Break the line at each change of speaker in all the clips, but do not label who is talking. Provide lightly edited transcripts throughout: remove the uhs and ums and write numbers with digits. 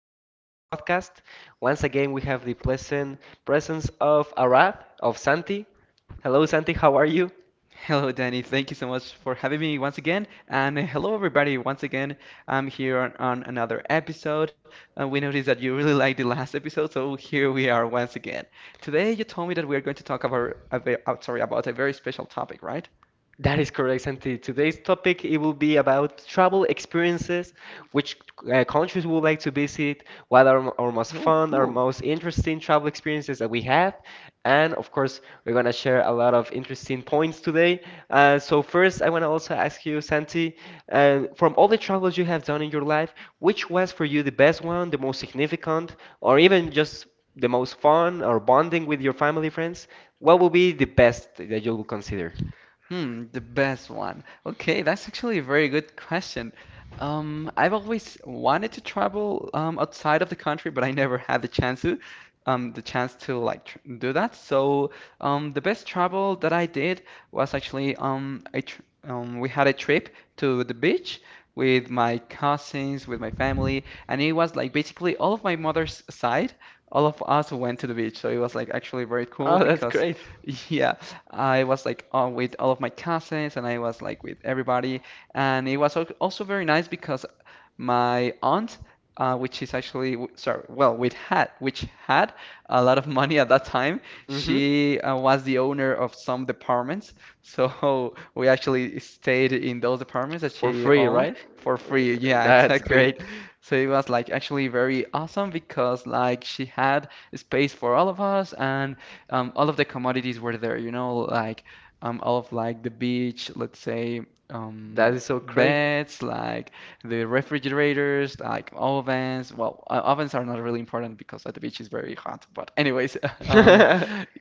Riverside Podcast. Once again, we have the pleasant presence of Arad, of Santi. Hello, Santi, how are you?
Hello, Danny. Thank you so much for having me once again. And hello, everybody. Once again, I'm here on another episode. We noticed that you really liked the last episode, so here we are once again. Today, you told me that we are going to talk about a very special topic, right?
That is correct, Santi. Today's topic it will be about travel experiences, which countries we would like to visit, what are our most
Oh,
fun, our
cool.
most interesting travel experiences that we have, and of course we're gonna share a lot of interesting points today. So first, I wanna also ask you, Santi, from all the travels you have done in your life, which was for you the best one, the most significant, or even just the most fun or bonding with your family friends? What would be the best that you would consider?
Hmm, the best one. Okay, that's actually a very good question. I've always wanted to travel outside of the country, but I never had the chance to like tr do that. So the best travel that I did was actually I tr we had a trip to the beach with my cousins, with my family, and it was like basically all of my mother's side, all of us went to the beach. So it was like actually very cool
Oh, that's
because.
great.
Yeah, I was like with all of my cousins and I was like with everybody. And it was also very nice because my aunt, which is actually, w- sorry, well, which had a lot of money at that time,
Mm-hmm.
she was the owner of some departments. So we actually stayed in those departments that
For
she
free,
owned
right?
for free. Yeah,
That's
exactly.
great.
So it was like actually very awesome because like she had space for all of us and all of the commodities were there, you know, like all of like the beach, let's say,
That
um,
is so great.
beds, like the refrigerators, like ovens. Well, ovens are not really important because at the beach it's very hot. But anyways, um,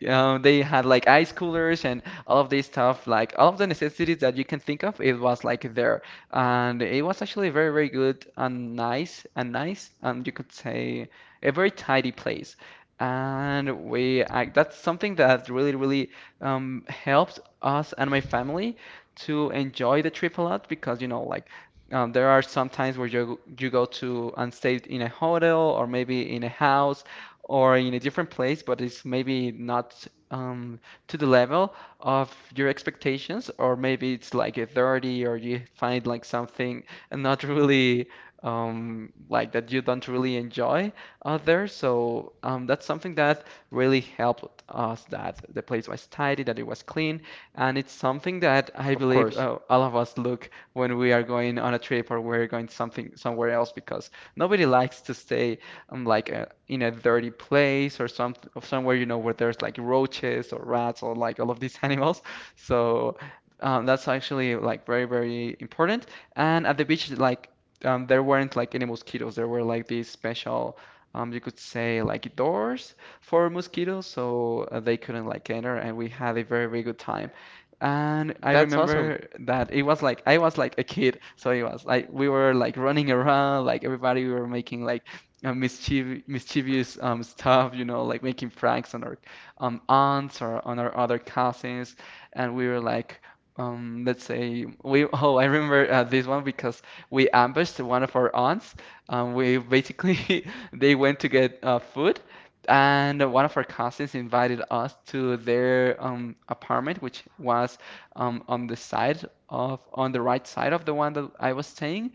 you know, they had like ice coolers and all of this stuff, like all of the necessities that you can think of, it was like there, and it was actually very, very good and nice, and you could say a very tidy place. And that's something that really helped us and my family to enjoy the trip a lot because, you know, like there are some times where you go to and stay in a hotel or maybe in a house or in a different place, but it's maybe not um, to the level of your expectations, or maybe it's like a dirty, or you find like something not really like that you don't really enjoy there. So that's something that really helped us that the place was tidy, that it was clean, and it's something that I
Of
believe
course.
all of us look when we are going on a trip or we're going something somewhere else because nobody likes to stay in a dirty place or somewhere you know where there's like roaches or rats or like all of these animals. So that's actually like very very important. And at the beach, like there weren't like any mosquitoes. There were like these special you could say like doors for mosquitoes, so they couldn't like enter, and we had a very, very good time. And I
That's awesome.
remember that it was like I was like a kid, so it was like we were like running around, like everybody we were making like mischief mischievous stuff, you know, like making pranks on our aunts or on our other cousins, and we were like. Let's say we. Oh, I remember this one because we ambushed one of our aunts. We basically they went to get food, and one of our cousins invited us to their apartment, which was um, on the side on the right side of the one that I was staying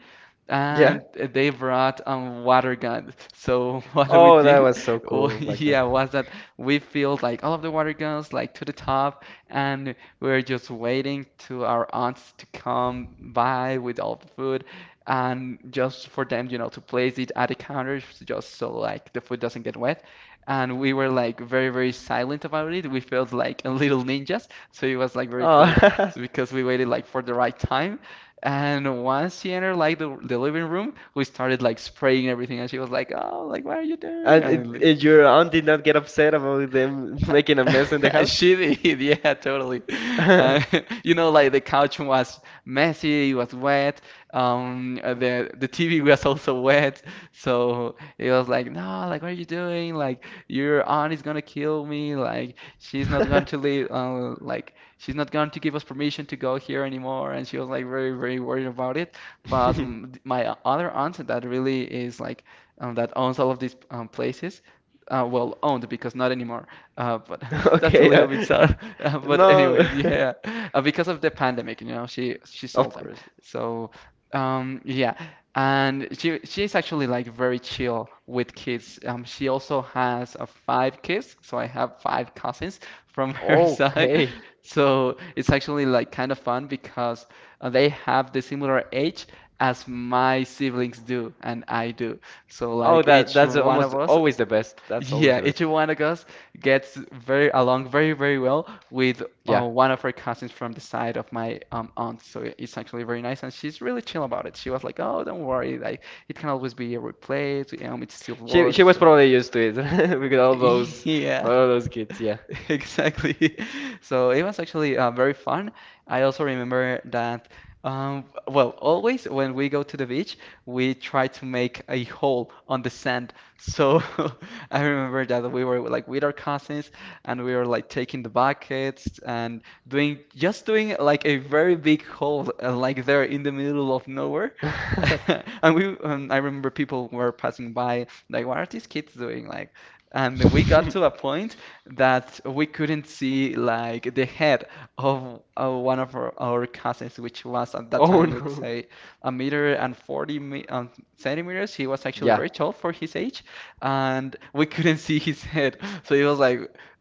Yeah.
and they brought water guns. So what we
Oh, that
did,
was so
wa-
cool back then.
yeah, was that we filled like all of the water guns like to the top, and we were just waiting to our aunts to come by with all the food, and just for them, you know, to place it at the counters just so like the food doesn't get wet. And we were like very, very silent about it. We felt like a little ninjas, so it was like very cool.
Oh,
So because we waited like for the right time and once she entered like the living room, we started like spraying everything, and she was like, "Oh, like what are you doing?"
and
And like,
your aunt did not get upset about them making a mess in the house?
she did, yeah, totally. Uh, you know, like the couch was messy, it was wet. The TV was also wet, so it was like, no, like what are you doing? Like your aunt is gonna kill me. Like she's not going to leave. Like she's not going to give us permission to go here anymore. And she was like very, very worried about it. But my other aunt that really is like that owns all of these places well owned because not anymore. But that's a
Okay.
little bit sad. But
No.
anyways, yeah, because of the pandemic, you know, she sold
Of
them.
course.
So yeah, and she is actually like very chill with kids. She also has five kids, so I have five cousins from her side.
Okay.
So it's actually like kind of fun because they have the similar age as my siblings do and I do. So
Oh,
like
that that's almost always the best. That's always the
each
best.
one of us gets very along very, very well with
Yeah.
one of her cousins from the side of my aunt. So it's actually very nice, and she's really chill about it. She was like, "Oh, don't worry, like it can always be replaced. It still
She
works."
was
So
probably used to it because all those
yeah.
all those kids, yeah.
Exactly. So it was actually very fun. I also remember that, well, always when we go to the beach, we try to make a hole on the sand. So I remember that we were like with our cousins and we were like taking the buckets and doing like a very big hole, like there in the middle of nowhere. And I remember people were passing by, like, what are these kids doing? Like, and we got to a point that we couldn't see like the head of one of our cousins, which was at that
Oh
time, let's
no.
say, a meter and 40 mi centimeters. He was actually
Yeah.
very tall for his age, and we couldn't see his head. So it was like,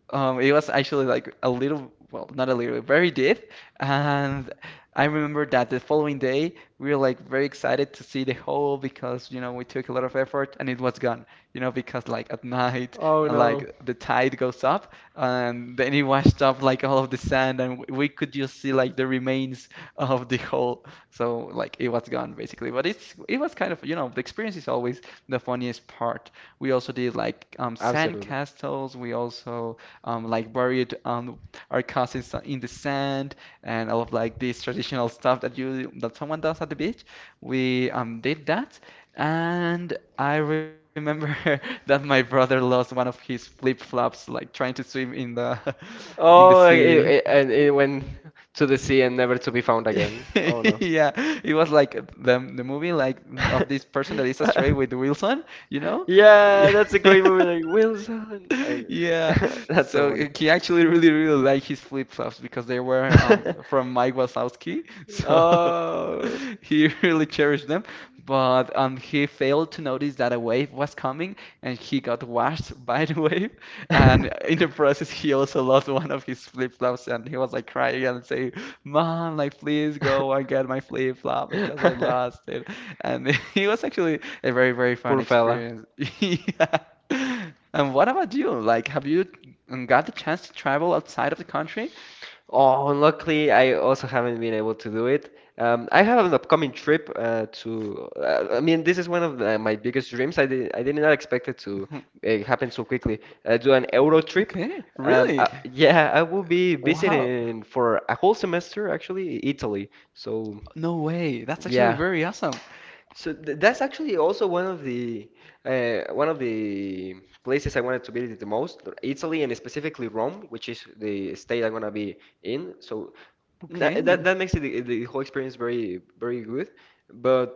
it was actually like a little, well, not a little, very deep. And I remember that the following day, we were like very excited to see the hole because, you know, we took a lot of effort and it was gone, you know, because like at night
Oh no.
like the tide goes up, and then it washed up like all of the sand, and we could just see like the remains of the whole. So like it was gone basically. But it was kind of you know the experience is always the funniest part. We also did like sand
Absolutely.
castles. We also like buried our cousins in the sand and all of like this traditional stuff that you that someone does at the beach. We did that, and I remember that my brother lost one of his flip-flops like trying to swim in the in the
Oh,
sea.
and it went to the sea and never to be found again. Oh no.
Yeah, it was like the movie like of this person that is astray with Wilson, you know?
Yeah, that's a great movie. Like Wilson, and
Yeah,
that's so
so
funny.
he actually really, really liked his flip-flops because they were from Mike Wazowski, so
Oh.
he really cherished them. But he failed to notice that a wave was coming, and he got washed by the wave. And in the process, he also lost one of his flip-flops, and he was like crying and saying, "Mom, like please go and get my flip-flop because I lost it." And he was actually a very, very fun
Poor fella.
experience. Yeah. And what about you? Like, have you got the chance to travel outside of the country?
Oh, unluckily, I also haven't been able to do it. I have an upcoming trip to. I mean, this is one of my biggest dreams. I did not expect it to happen so quickly. Do an Euro trip.
Okay, really?
Yeah, I will be
Wow.
visiting for a whole semester, actually, Italy. So,
No way. That's actually
yeah.
very awesome.
So th that's actually also one of the places I wanted to visit the most, Italy and specifically Rome, which is the state I'm gonna be in. So that
Okay.
that makes it the whole experience very very good. But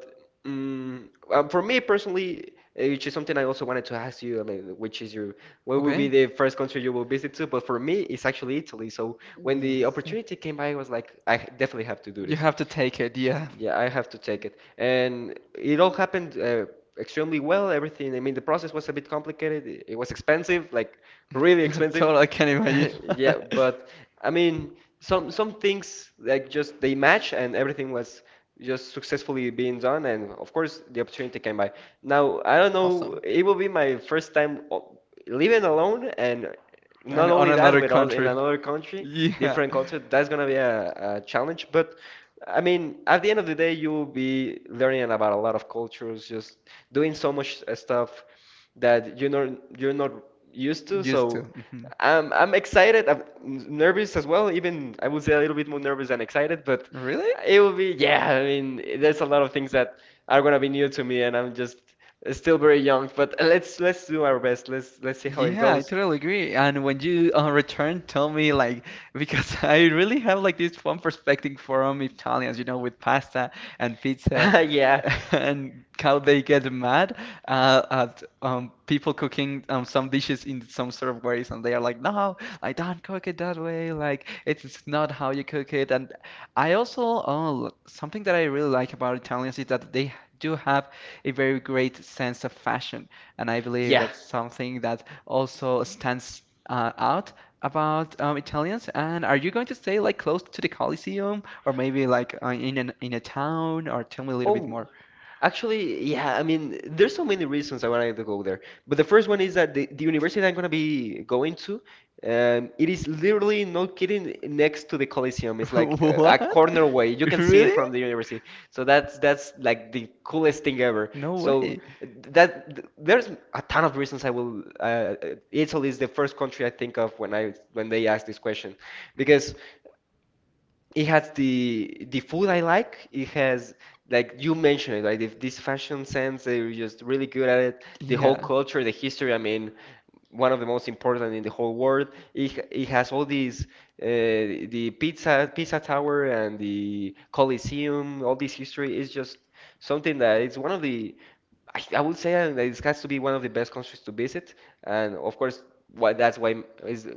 mm, for me personally, which is something I also wanted to ask you, I mean, which is your what will be
Okay.
the first country you will visit to? But for me, it's actually Italy. So when
Ooh.
the opportunity came by, I was like, I definitely have to do
You
this.
have to take it, yeah.
Yeah, I have to take it. And it all happened extremely well, everything. I mean, the process was a bit complicated. It was expensive, like really
I
expensive.
totally can imagine.
Yeah, but I mean, some things like just they match and everything was just successfully being done and of course the opportunity came by. Now, I don't know,
Awesome.
it will be my first time living alone and
And
not
on
only that,
another
without in
country.
another country,
Yeah.
different culture, that's gonna be a challenge. But I mean, at the end of the day, you will be learning about a lot of cultures, just doing so much stuff that you're not used to.
Used to.
So
Hmm.
I'm excited. I'm nervous as well. Even I would say a little bit more nervous than excited, but
Really?
it will be yeah. I mean, there's a lot of things that are gonna be new to me, and I'm just still very young. But let's do our best. Let's see how it
Yeah, I
goes.
totally agree. And when you return, tell me like because I really have like this fun perspective from Italians, you know, with pasta and pizza
Yeah,
and how they get mad at people cooking some dishes in some sort of ways, and they are like, no, I don't cook it that way. Like it's not how you cook it. And something that I really like about Italians is that they do have a very great sense of fashion. And I believe
yeah.
that's something that also stands out about Italians. And are you going to stay like close to the Coliseum or maybe like in a town, or tell me a little bit
Oh,
more?
actually, yeah. I mean, there's so many reasons I wanted to go there, but the first one is that the university that I'm gonna be going to, it is literally no kidding next to the Coliseum. It's like a
What?
corner way. You can see it
Really?
from the university. So that's like the coolest thing ever.
No
So
way.
that there's a ton of reasons I will. Italy is the first country I think of when I when they ask this question, because. It has the food I like. It has like you mentioned it, like if this fashion sense, they're just really good at it. The whole
Yeah.
culture, the history. I mean, one of the most important in the whole world. It has all these the pizza pizza tower and the Colosseum. All this history is just something that it's one of the I would say that it has to be one of the best countries to visit, and of course, why that's why is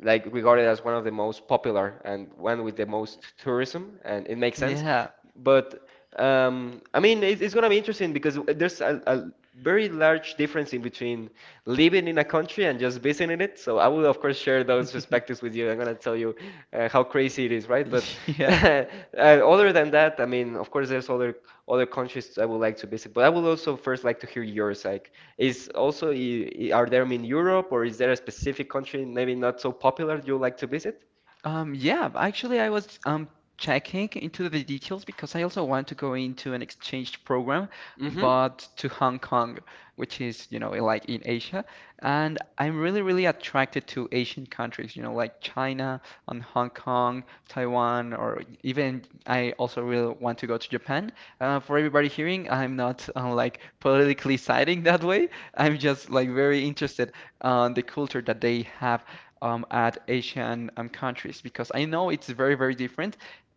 like regarded as one of the most popular and one with the most tourism, and it makes sense.
Yeah.
But I mean, it's gonna be interesting because there's a very large difference in between living in a country and just visiting it. So I will, of course, share those perspectives with you. I'm gonna tell you how crazy it is, right? But
Yeah.
uh, other than that, I mean, of course, there's other countries I would like to visit. But I would also first like to hear yours. Like, is also I- are there I mean Europe or is there a specific country maybe not so popular you like to visit?
Yeah, actually, I was checking into the details because I also want to go into an exchange program,
Mm-hmm.
but to Hong Kong, which is, you know, like in Asia. And I'm really, really attracted to Asian countries, you know, like China and Hong Kong, Taiwan, or even I also really want to go to Japan. For everybody hearing, I'm not like politically siding that way. I'm just like very interested on the culture that they have at Asian countries because I know it's very, very different.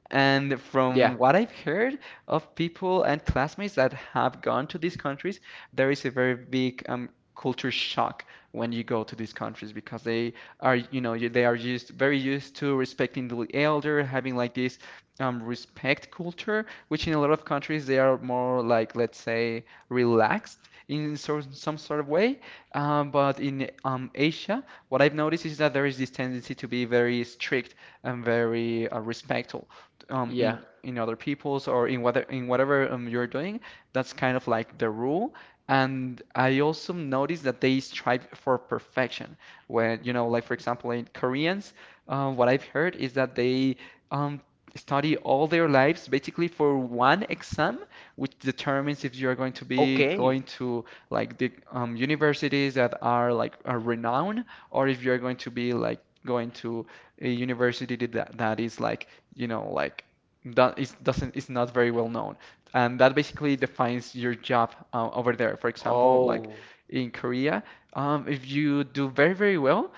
And
Yeah.
from what I've heard of people and classmates that have gone to these countries, there is a very big culture shock when you go to these countries because they are, you know, they are used, very used to respecting the elder, having like this respect culture, which in a lot of countries they are more like, let's say, relaxed in sort some sort of way. But in Asia, what I've noticed is that there is this tendency to be very strict and very respectful,
Yeah.
in other people's, or in whether in whatever you're doing. That's kind of like the rule. And I also noticed that they strive for perfection. When, you know, like for example, in Koreans, what I've heard is that they um, study all their lives basically for one exam, which determines if you're going to be
Okay.
going to like the universities that are like, are renowned, or if you're going to be like going to a university that is like, you know, like that is doesn't is not very well known. And that basically defines your job over there. For example, like
Oh,
in Korea, if you do very, very well,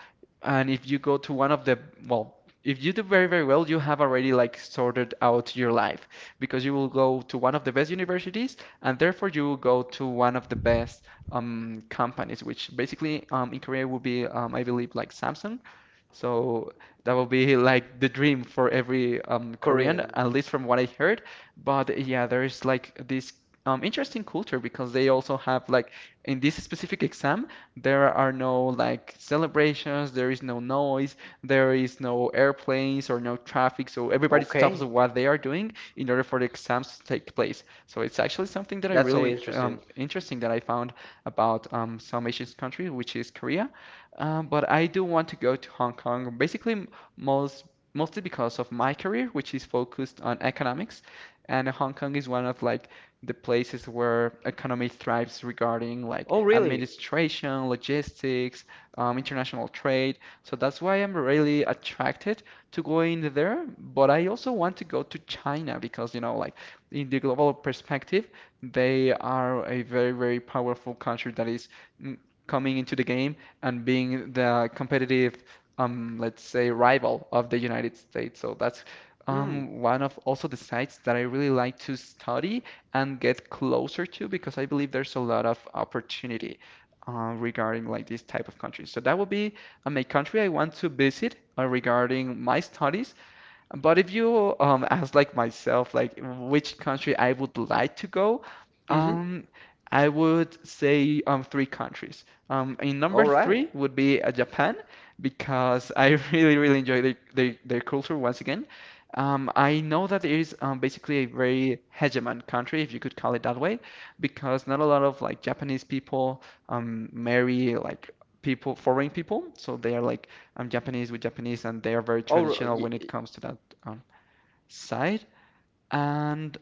and if you go to one of the, well, if you do very, very well, you have already like sorted out your life because you will go to one of the best universities, and therefore you will go to one of the best companies, which basically, in Korea, would be, I believe, like Samsung. So that will be like the dream for every Korean,
Korean.
at least from what I heard. But yeah, there's like this interesting culture because they also have like, in this specific exam, there are no like celebrations, there is no noise, there is no airplanes or no traffic. So everybody stops
Okay.
what they are doing in order for the exams to take place. So it's actually something that I
That's so
really,
interesting.
interesting that I found about some Asian country, which is Korea. But I do want to go to Hong Kong, basically most mostly because of my career, which is focused on economics. And Hong Kong is one of like the places where economy thrives, regarding like
Oh, really?
administration, logistics, international trade. So that's why I'm really attracted to going there. But I also want to go to China because, you know, like in the global perspective, they are a very, very powerful country that is, mm, coming into the game and being the competitive, let's say, rival of the United States. So that's
Hmm.
one of also the sites that I really like to study and get closer to, because I believe there's a lot of opportunity regarding like this type of countries. So that would be a country I want to visit regarding my studies. But if you ask like myself, like which country I would like to go,
Mm-hmm.
um, I would say three countries. In number
All right.
three would be Japan, because I really enjoy their culture once again. I know that it is basically a very hegemon country, if you could call it that way, because not a lot of like Japanese people marry like people foreign people, so they are like Japanese with Japanese, and they are very
Oh,
traditional when it comes to that um, side. And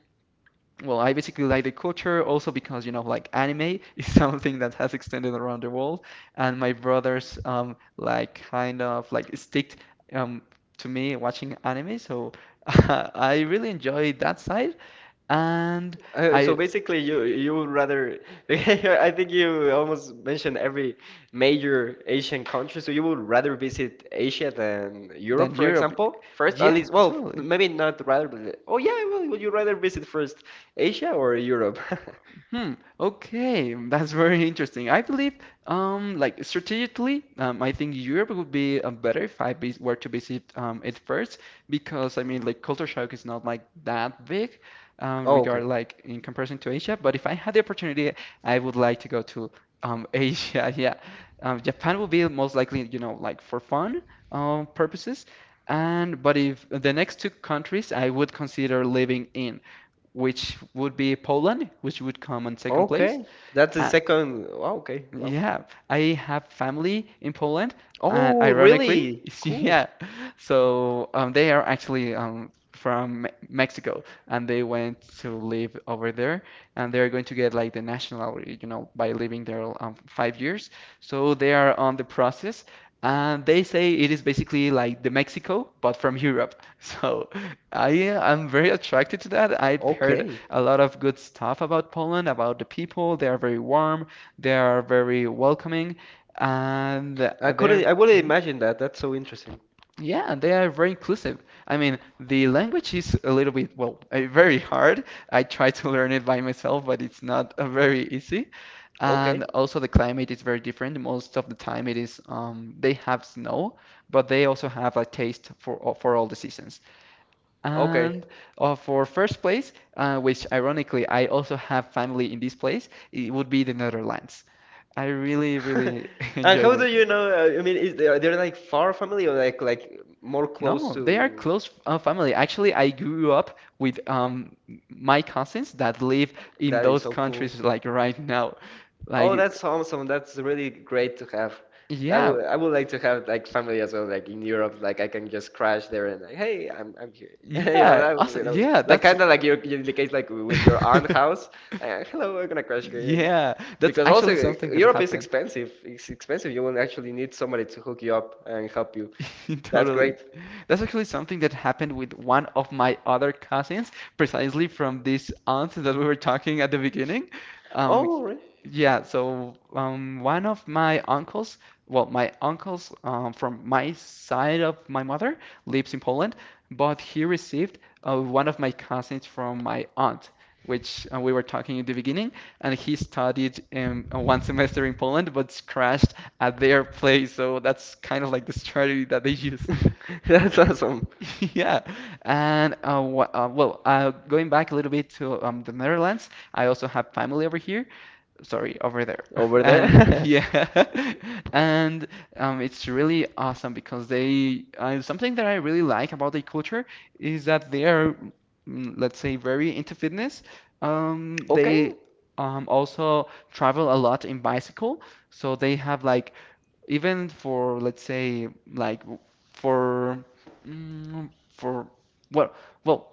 well, I basically like the culture also because, you know, like anime is something that has extended around the world, and my brothers like kind of like sticked um to me watching anime, so I really enjoy that side. And
so
I
basically, you would rather. I think you almost mentioned every major Asian country. So you would rather visit Asia than Europe,
Then
for
Europe,
example, first, at
yeah,
least. Well,
totally.
maybe not rather, but oh yeah, well, would you rather visit first Asia or Europe?
Hmm. Okay, that's very interesting. I believe, like strategically, I think Europe would be better if I were to visit it first, because I mean, like culture shock is not like that big,
Oh,
regard
okay.
like in comparison to Asia. But if I had the opportunity, I would like to go to Asia. Yeah, Japan will be most likely, you know, like for fun purposes. And but if the next two countries, I would consider living in, which would be Poland, which would come on second place.
Okay. That's the second. Wow, okay. Wow.
Yeah, I have family in Poland, and
Oh,
ironically,
really? Cool.
yeah, so they are actually, from Mexico, and they went to live over there, and they're going to get like the nationality, you know, by living there 5 years. So they are on the process, and they say it is basically like the Mexico, but from Europe. So I am very attracted to that. I've heard
Okay.
a lot of good stuff about Poland, about the people. They are very warm. They are very welcoming, and they're
I wouldn't imagine that. That's so interesting.
Yeah, they are very inclusive. I mean, the language is a little bit, well, very hard. I try to learn it by myself, but it's not very easy. And
Okay,
also the climate is very different. Most of the time it is, they have snow, but they also have a taste for for all the seasons.
okay.
And for first place, which ironically I also have family in this place, it would be the Netherlands. I really, really
And
enjoy
how
it.
do you know? I mean, are they like far family or like more close
No, they are
to?
close family. Actually, I grew up with my cousins that live in
That is
those
so cool.
countries like right now.
Oh,
Like,
that's awesome. That's really great to have. I
yeah,
would I would like to have like family as well, like in Europe, like I can just crash there and like, hey, I'm here. You know,
yeah,
that would
also,
be,
yeah,
like
that's,
kind of like your in the case like with your aunt house. Like, hello, we're gonna crash here. And,
yeah, that's
because also
actually something that
Europe is
happened.
expensive. It's expensive. You will actually need somebody to hook you up and help you. That's
Totally.
great.
That's actually something that happened with one of my other cousins, precisely from this aunt that we were talking at the beginning. Um,
Oh, right.
yeah, so one of my uncles, well, my uncles from my side of my mother, lives in Poland, but he received one of my cousins from my aunt, which we were talking in the beginning, and he studied one semester in Poland, but crashed at their place. So that's kind of like the strategy that they use.
That's awesome.
Yeah, and well, going back a little bit to the Netherlands, I also have family over here. Sorry, over there.
Over
And
there.
yeah, and it's really awesome because they something that I really like about their culture is that they are, let's say, very into fitness.
Okay.
They also travel a lot in bicycle, so they have like, even for, let's say, like, for mm, for well well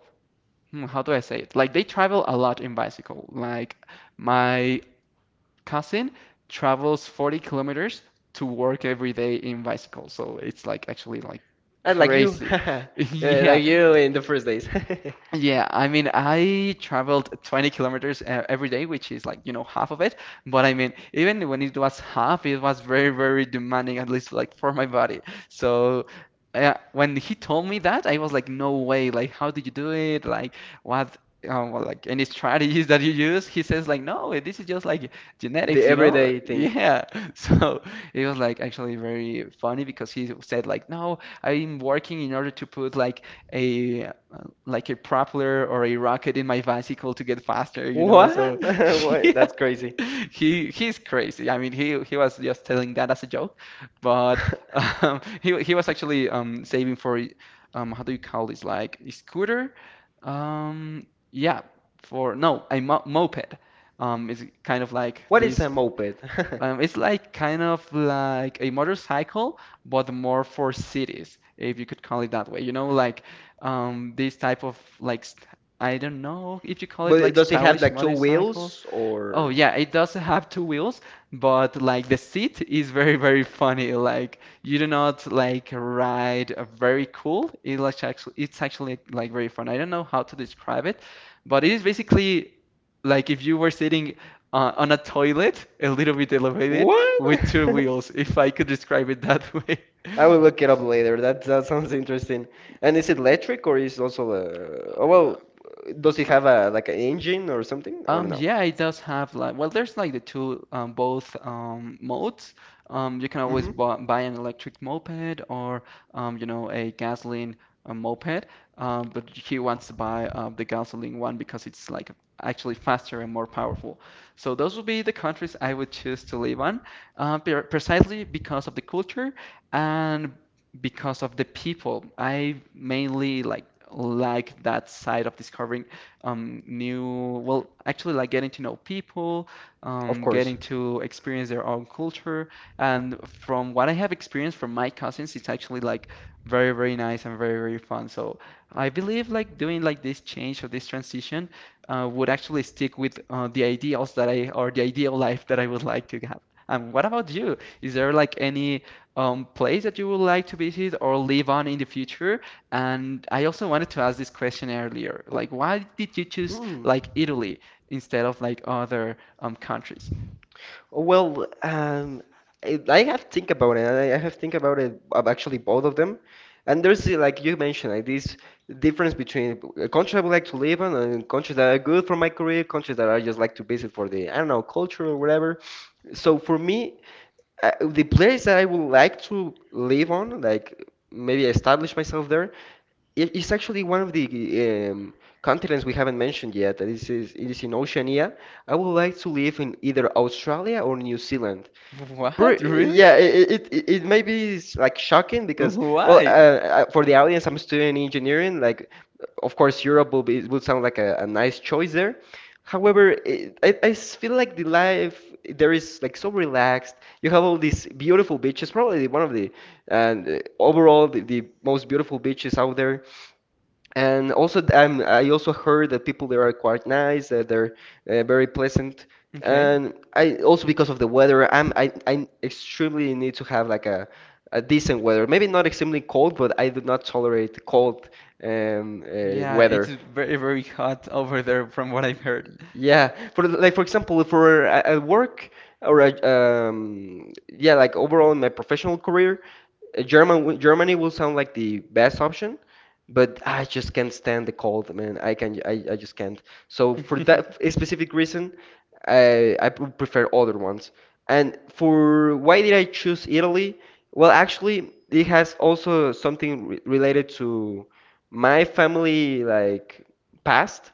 how do I say it? Like they travel a lot in bicycle. Like my cousin travels 40 kilometers to work every day in bicycle. So it's like actually like
I like you.
crazy.
Yeah,
Yeah.
like you in the first days.
Yeah, I mean, I traveled 20 kilometers every day, which is like, you know, half of it. But I mean, even when it was half, it was very, very demanding, at least like for my body. So, when he told me that, I was like, no way. Like, how did you do it? Like, what, well, like any strategies that you use? He says, like, no, this is just like
The
genetics, you know?
everyday thing.
Yeah. So, it was like actually very funny because he said, like, no, I'm working in order to put a like a propeller or a rocket in my bicycle to get faster, you know. So
What?
yeah,
That's crazy.
he's crazy. I mean, he was just telling that as a joke, but he was actually, saving for, how do you call this? Like a scooter? Yeah, for, no, a mo moped. It's kind of like
What is a
this,
moped?
it's like kind of like a motorcycle, but more for cities, if you could call it that way. You know, like these type of like st I don't know if you call
But
it like,
does it have
stylish
like two
motorcycles.
wheels
Oh
or
yeah, it does have two wheels, but like the seat is very very funny. Like you do not like ride a very cool. It's actually like very fun. I don't know how to describe it, but it is basically like if you were sitting on a toilet, a little bit elevated,
what?
with two wheels, if I could describe it that way.
I will look it up later. That sounds interesting. And is it electric or is also oh well, does it have a like an engine or something or no?
Yeah, it does have like well, there's like the two both modes. You can always
Mm-hmm.
buy an electric moped or you know a gasoline moped. But he wants to buy the gasoline one because it's like actually faster and more powerful. So those would be the countries I would choose to live on, precisely because of the culture and because of the people. I mainly like that side of discovering actually like getting to know people,
Of course.
getting to experience their own culture. And from what I have experienced from my cousins, it's actually like very, very nice and very, very fun. So I believe like doing like this change or this transition would actually stick with the ideals that I or the ideal life that I would like to have. And what about you? Is there like any place that you would like to visit or live on in the future? And I also wanted to ask this question earlier, like why did you choose
Hmm.
like Italy instead of like other countries?
Oh, well, I have to think about it. And I have to think about it of actually both of them. And there's like you mentioned, like this difference between a country I would like to live in and countries that are good for my career, countries that I just like to visit for the I don't know culture or whatever. So for me, the place that I would like to live on, like maybe establish myself there, is actually one of the um, continents we haven't mentioned yet. This is It is in Oceania. I would like to live in either Australia or New Zealand. Pre-
What? Really?
yeah, it may be like shocking because well,
Why?
for the audience, I'm studying engineering. Like, of course, Europe will be would sound like a nice choice there. However, it, I s- feel like the life there is like so relaxed. You have all these beautiful beaches, probably one of the and overall the most beautiful beaches out there. And also, I also heard that people there are quite nice, that they're very pleasant.
Okay.
And I also because of the weather, I extremely need to have like a decent weather. Maybe not extremely cold, but I do not tolerate cold
Yeah, it's
weather.
very, very hot over there from what I've heard.
Yeah, like for example, at work or yeah, like overall in my professional career, Germany will sound like the best option, but I just can't stand the cold, man. I just can't. So for that specific reason, I prefer other ones. And for why did I choose Italy? Well, actually, it has also something re related to my family like past.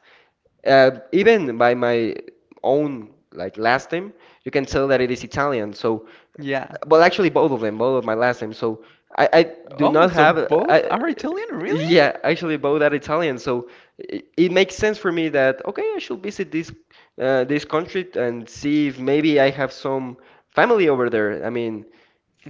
Even by my own like last name, you can tell that it is Italian. So,
Yeah.
well, actually, both of them, both of my last names. So I do
Oh,
not
so
have.
both
I,
are Italian, really?
yeah, actually, both are Italian. So it makes sense for me that okay, I should visit this this country and see if maybe I have some family over there. I mean,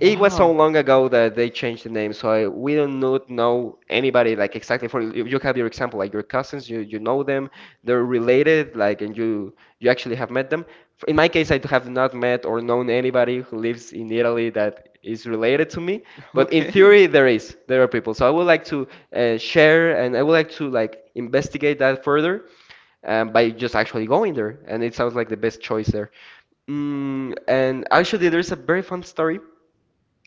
it was so long ago that they changed the name, so we do not know anybody like exactly. For you have your example, like your cousins, you know them, they're related, like, and you actually have met them. In my case, I have not met or known anybody who lives in Italy that is related to me, but in
Okay.
theory, there are people. So I would like to share, and I would like to like investigate that further by just actually going there, and it sounds like the best choice there. And actually, there's a very fun story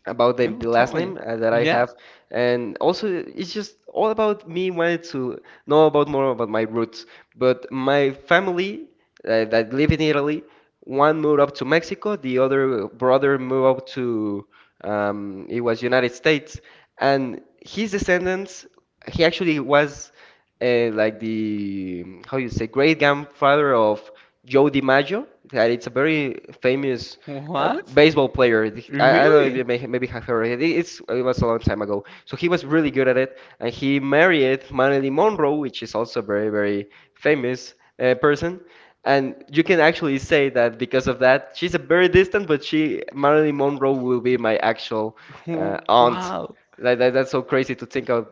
about
Oh,
the
tell
last
me.
name that I
Yeah.
have, and also it's just all about me wanted to know about more about my roots. But my family that live in Italy, one moved up to Mexico, the other brother moved up to it was United States, and his descendants, he actually was like the how you say great grandfather of Joe DiMaggio. That it's a very famous
What?
baseball player. I don't know if you
Really?
maybe have heard of it. It was a long time ago. So he was really good at it, and he married Marilyn Monroe, which is also a very, very famous person. And you can actually say that because of that, she's a very distant, but she Marilyn Monroe will be my actual
Wow.
aunt. Like that's so crazy to think of.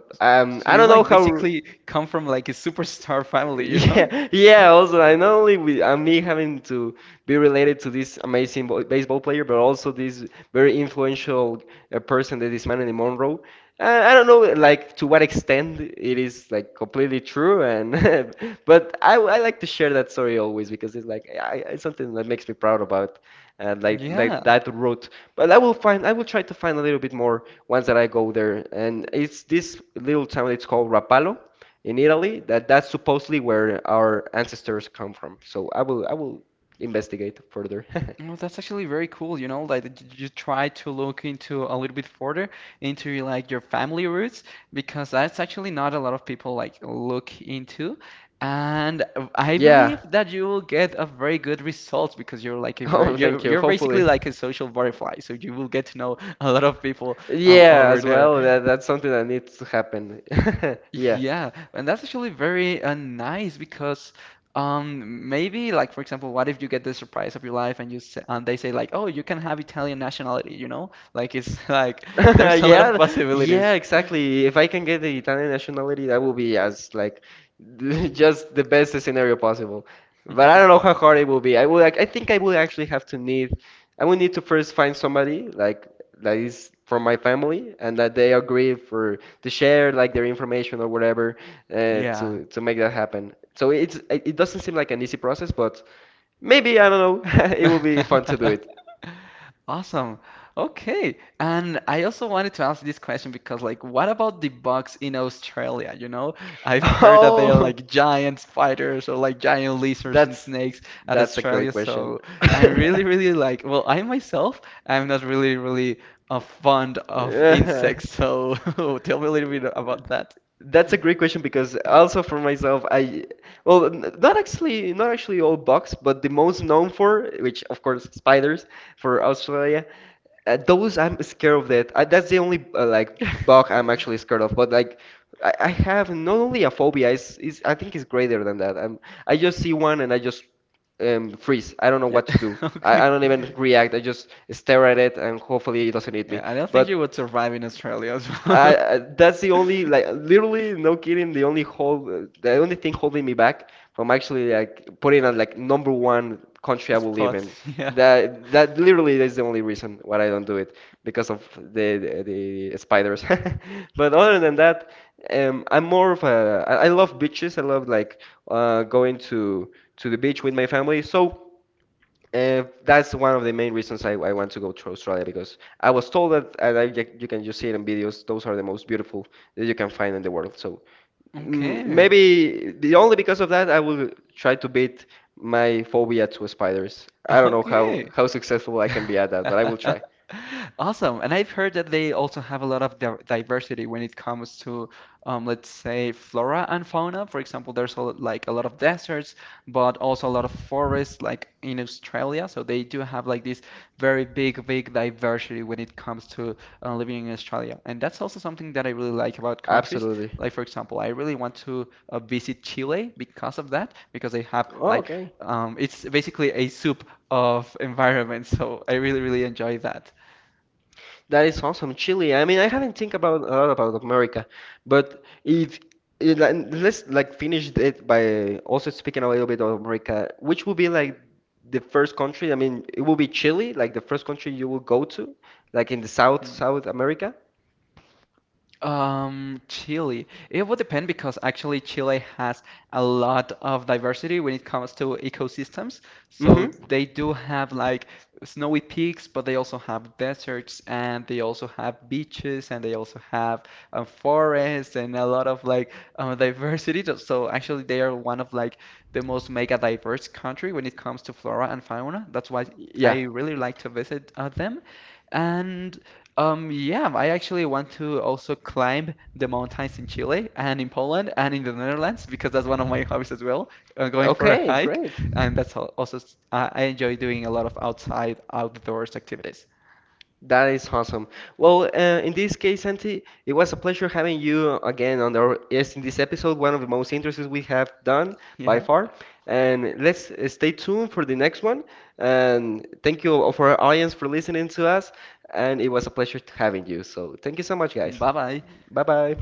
So you
I don't
like
know how.
basically come from like a superstar family, you know?
Yeah, yeah, also, and not only with and me having to be related to this amazing baseball player, but also this very influential person that is Marilyn Monroe. I don't know, like, to what extent it is, like, completely true, and but I like to share that story always because it's like it's something that makes me proud about, like
Yeah.
that route. But I will try to find a little bit more once that I go there, and it's this little town. It's called Rapallo in Italy that that's supposedly where our ancestors come from. So I will investigate further.
Well, that's actually very cool, you know, like that you try to look into a little bit further into like your family roots because that's actually not a lot of people like look into. And I believe
Yeah.
that you will get a very good result because you're like a very
Oh, thank
you're
you.
you're basically
Hopefully.
like a social butterfly, so you will get to know a lot of people
Yeah,
over
as
there.
well. That's something that needs to happen. Yeah.
Yeah, and that's actually very nice because maybe like for example, what if you get the surprise of your life and you say, and they say like, oh, you can have Italian nationality, you know? Like it's like there's a lot of
Yeah, yeah,
possibilities.
exactly. If I can get the Italian nationality, that will be as like just the best scenario possible. But I don't know how hard it will be. I would, like, I think I would actually have to need, I would need to first find somebody like that is from my family and that they agree for to share like their information or whatever
Yeah.
to make that happen. So it doesn't seem like an easy process, but maybe I don't know. It will be fun to do it.
Awesome. Okay. And I also wanted to ask this question because, like, what about the bugs in Australia? You know, I've heard that they are
Oh.
like giant spiders or like giant lizards and
That's
snakes at
that's a great
Australia.
question.
So I'm really, really like, well, I myself, I'm not really, really fond of
Yeah.
insects. So tell me a little bit about that.
That's a great question because also for myself, I well, not actually, not actually all bugs, but the most known for, which of course spiders for Australia. Those I'm scared of that. That's the only like bug I'm actually scared of. But like, I have not only a phobia. It's I think it's greater than that. I'm I just see one and I just freeze. I don't know
Yeah.
what to do.
Okay.
I don't even react. I just stare at it and hopefully it doesn't eat me.
Yeah, I don't think you
But
would survive in Australia as well.
I that's the only like literally no kidding the only thing holding me back from actually like putting on like number one country I will live
Spot,
in.
yeah.
That that literally is the only reason why I don't do it because of the spiders. But other than that, I'm more of a I love beaches. I love like going to the beach with my family. So. That's one of the main reasons I want to go to Australia because I was told that, and I, you can just see it in videos, those are the most beautiful that you can find in the world. So
Okay.
maybe the only because of that, I will try to beat my phobia to spiders. I don't know
Okay.
how successful I can be at that, but I will try.
Awesome. And I've heard that they also have a lot of di diversity when it comes to, let's say, flora and fauna. For example, there's a, like a lot of deserts, but also a lot of forests, like in Australia. So they do have like this very big, big diversity when it comes to living in Australia. And that's also something that I really like about countries.
Absolutely.
Like, for example, I really want to visit Chile because of that, because they have
Oh,
like
okay.
it's basically a soup of environments, so I really, really enjoy that.
That is awesome, Chile. I mean, I haven't think about a lot about America, but if it, like, let's like finish it by also speaking a little bit of America, which will be like the first country? I mean, it will be Chile, like the first country you will go to, like in the
Mm.
South America.
Chile. It would depend because actually Chile has a lot of diversity when it comes to ecosystems. So
Mm-hmm.
they do have like snowy peaks, but they also have deserts and they also have beaches and they also have forests and a lot of like diversity. So so actually they are one of like the most mega diverse country when it comes to flora and fauna. That's why
Yeah.
I really like to visit them. And yeah, I actually want to also climb the mountains in Chile and in Poland and in the Netherlands because that's one of my hobbies as well, going for a
Okay,
hike.
great.
And that's also, I enjoy doing a lot of outside, outdoors activities.
That is awesome. Well, in this case, Santi, it was a pleasure having you again on our yes in this episode, one of the most interesting we have done by
Yeah.
far. And let's stay tuned for the next one. And thank you all for our audience for listening to us. And it was a pleasure having you. So thank you so much, guys.
Bye bye.
Bye bye.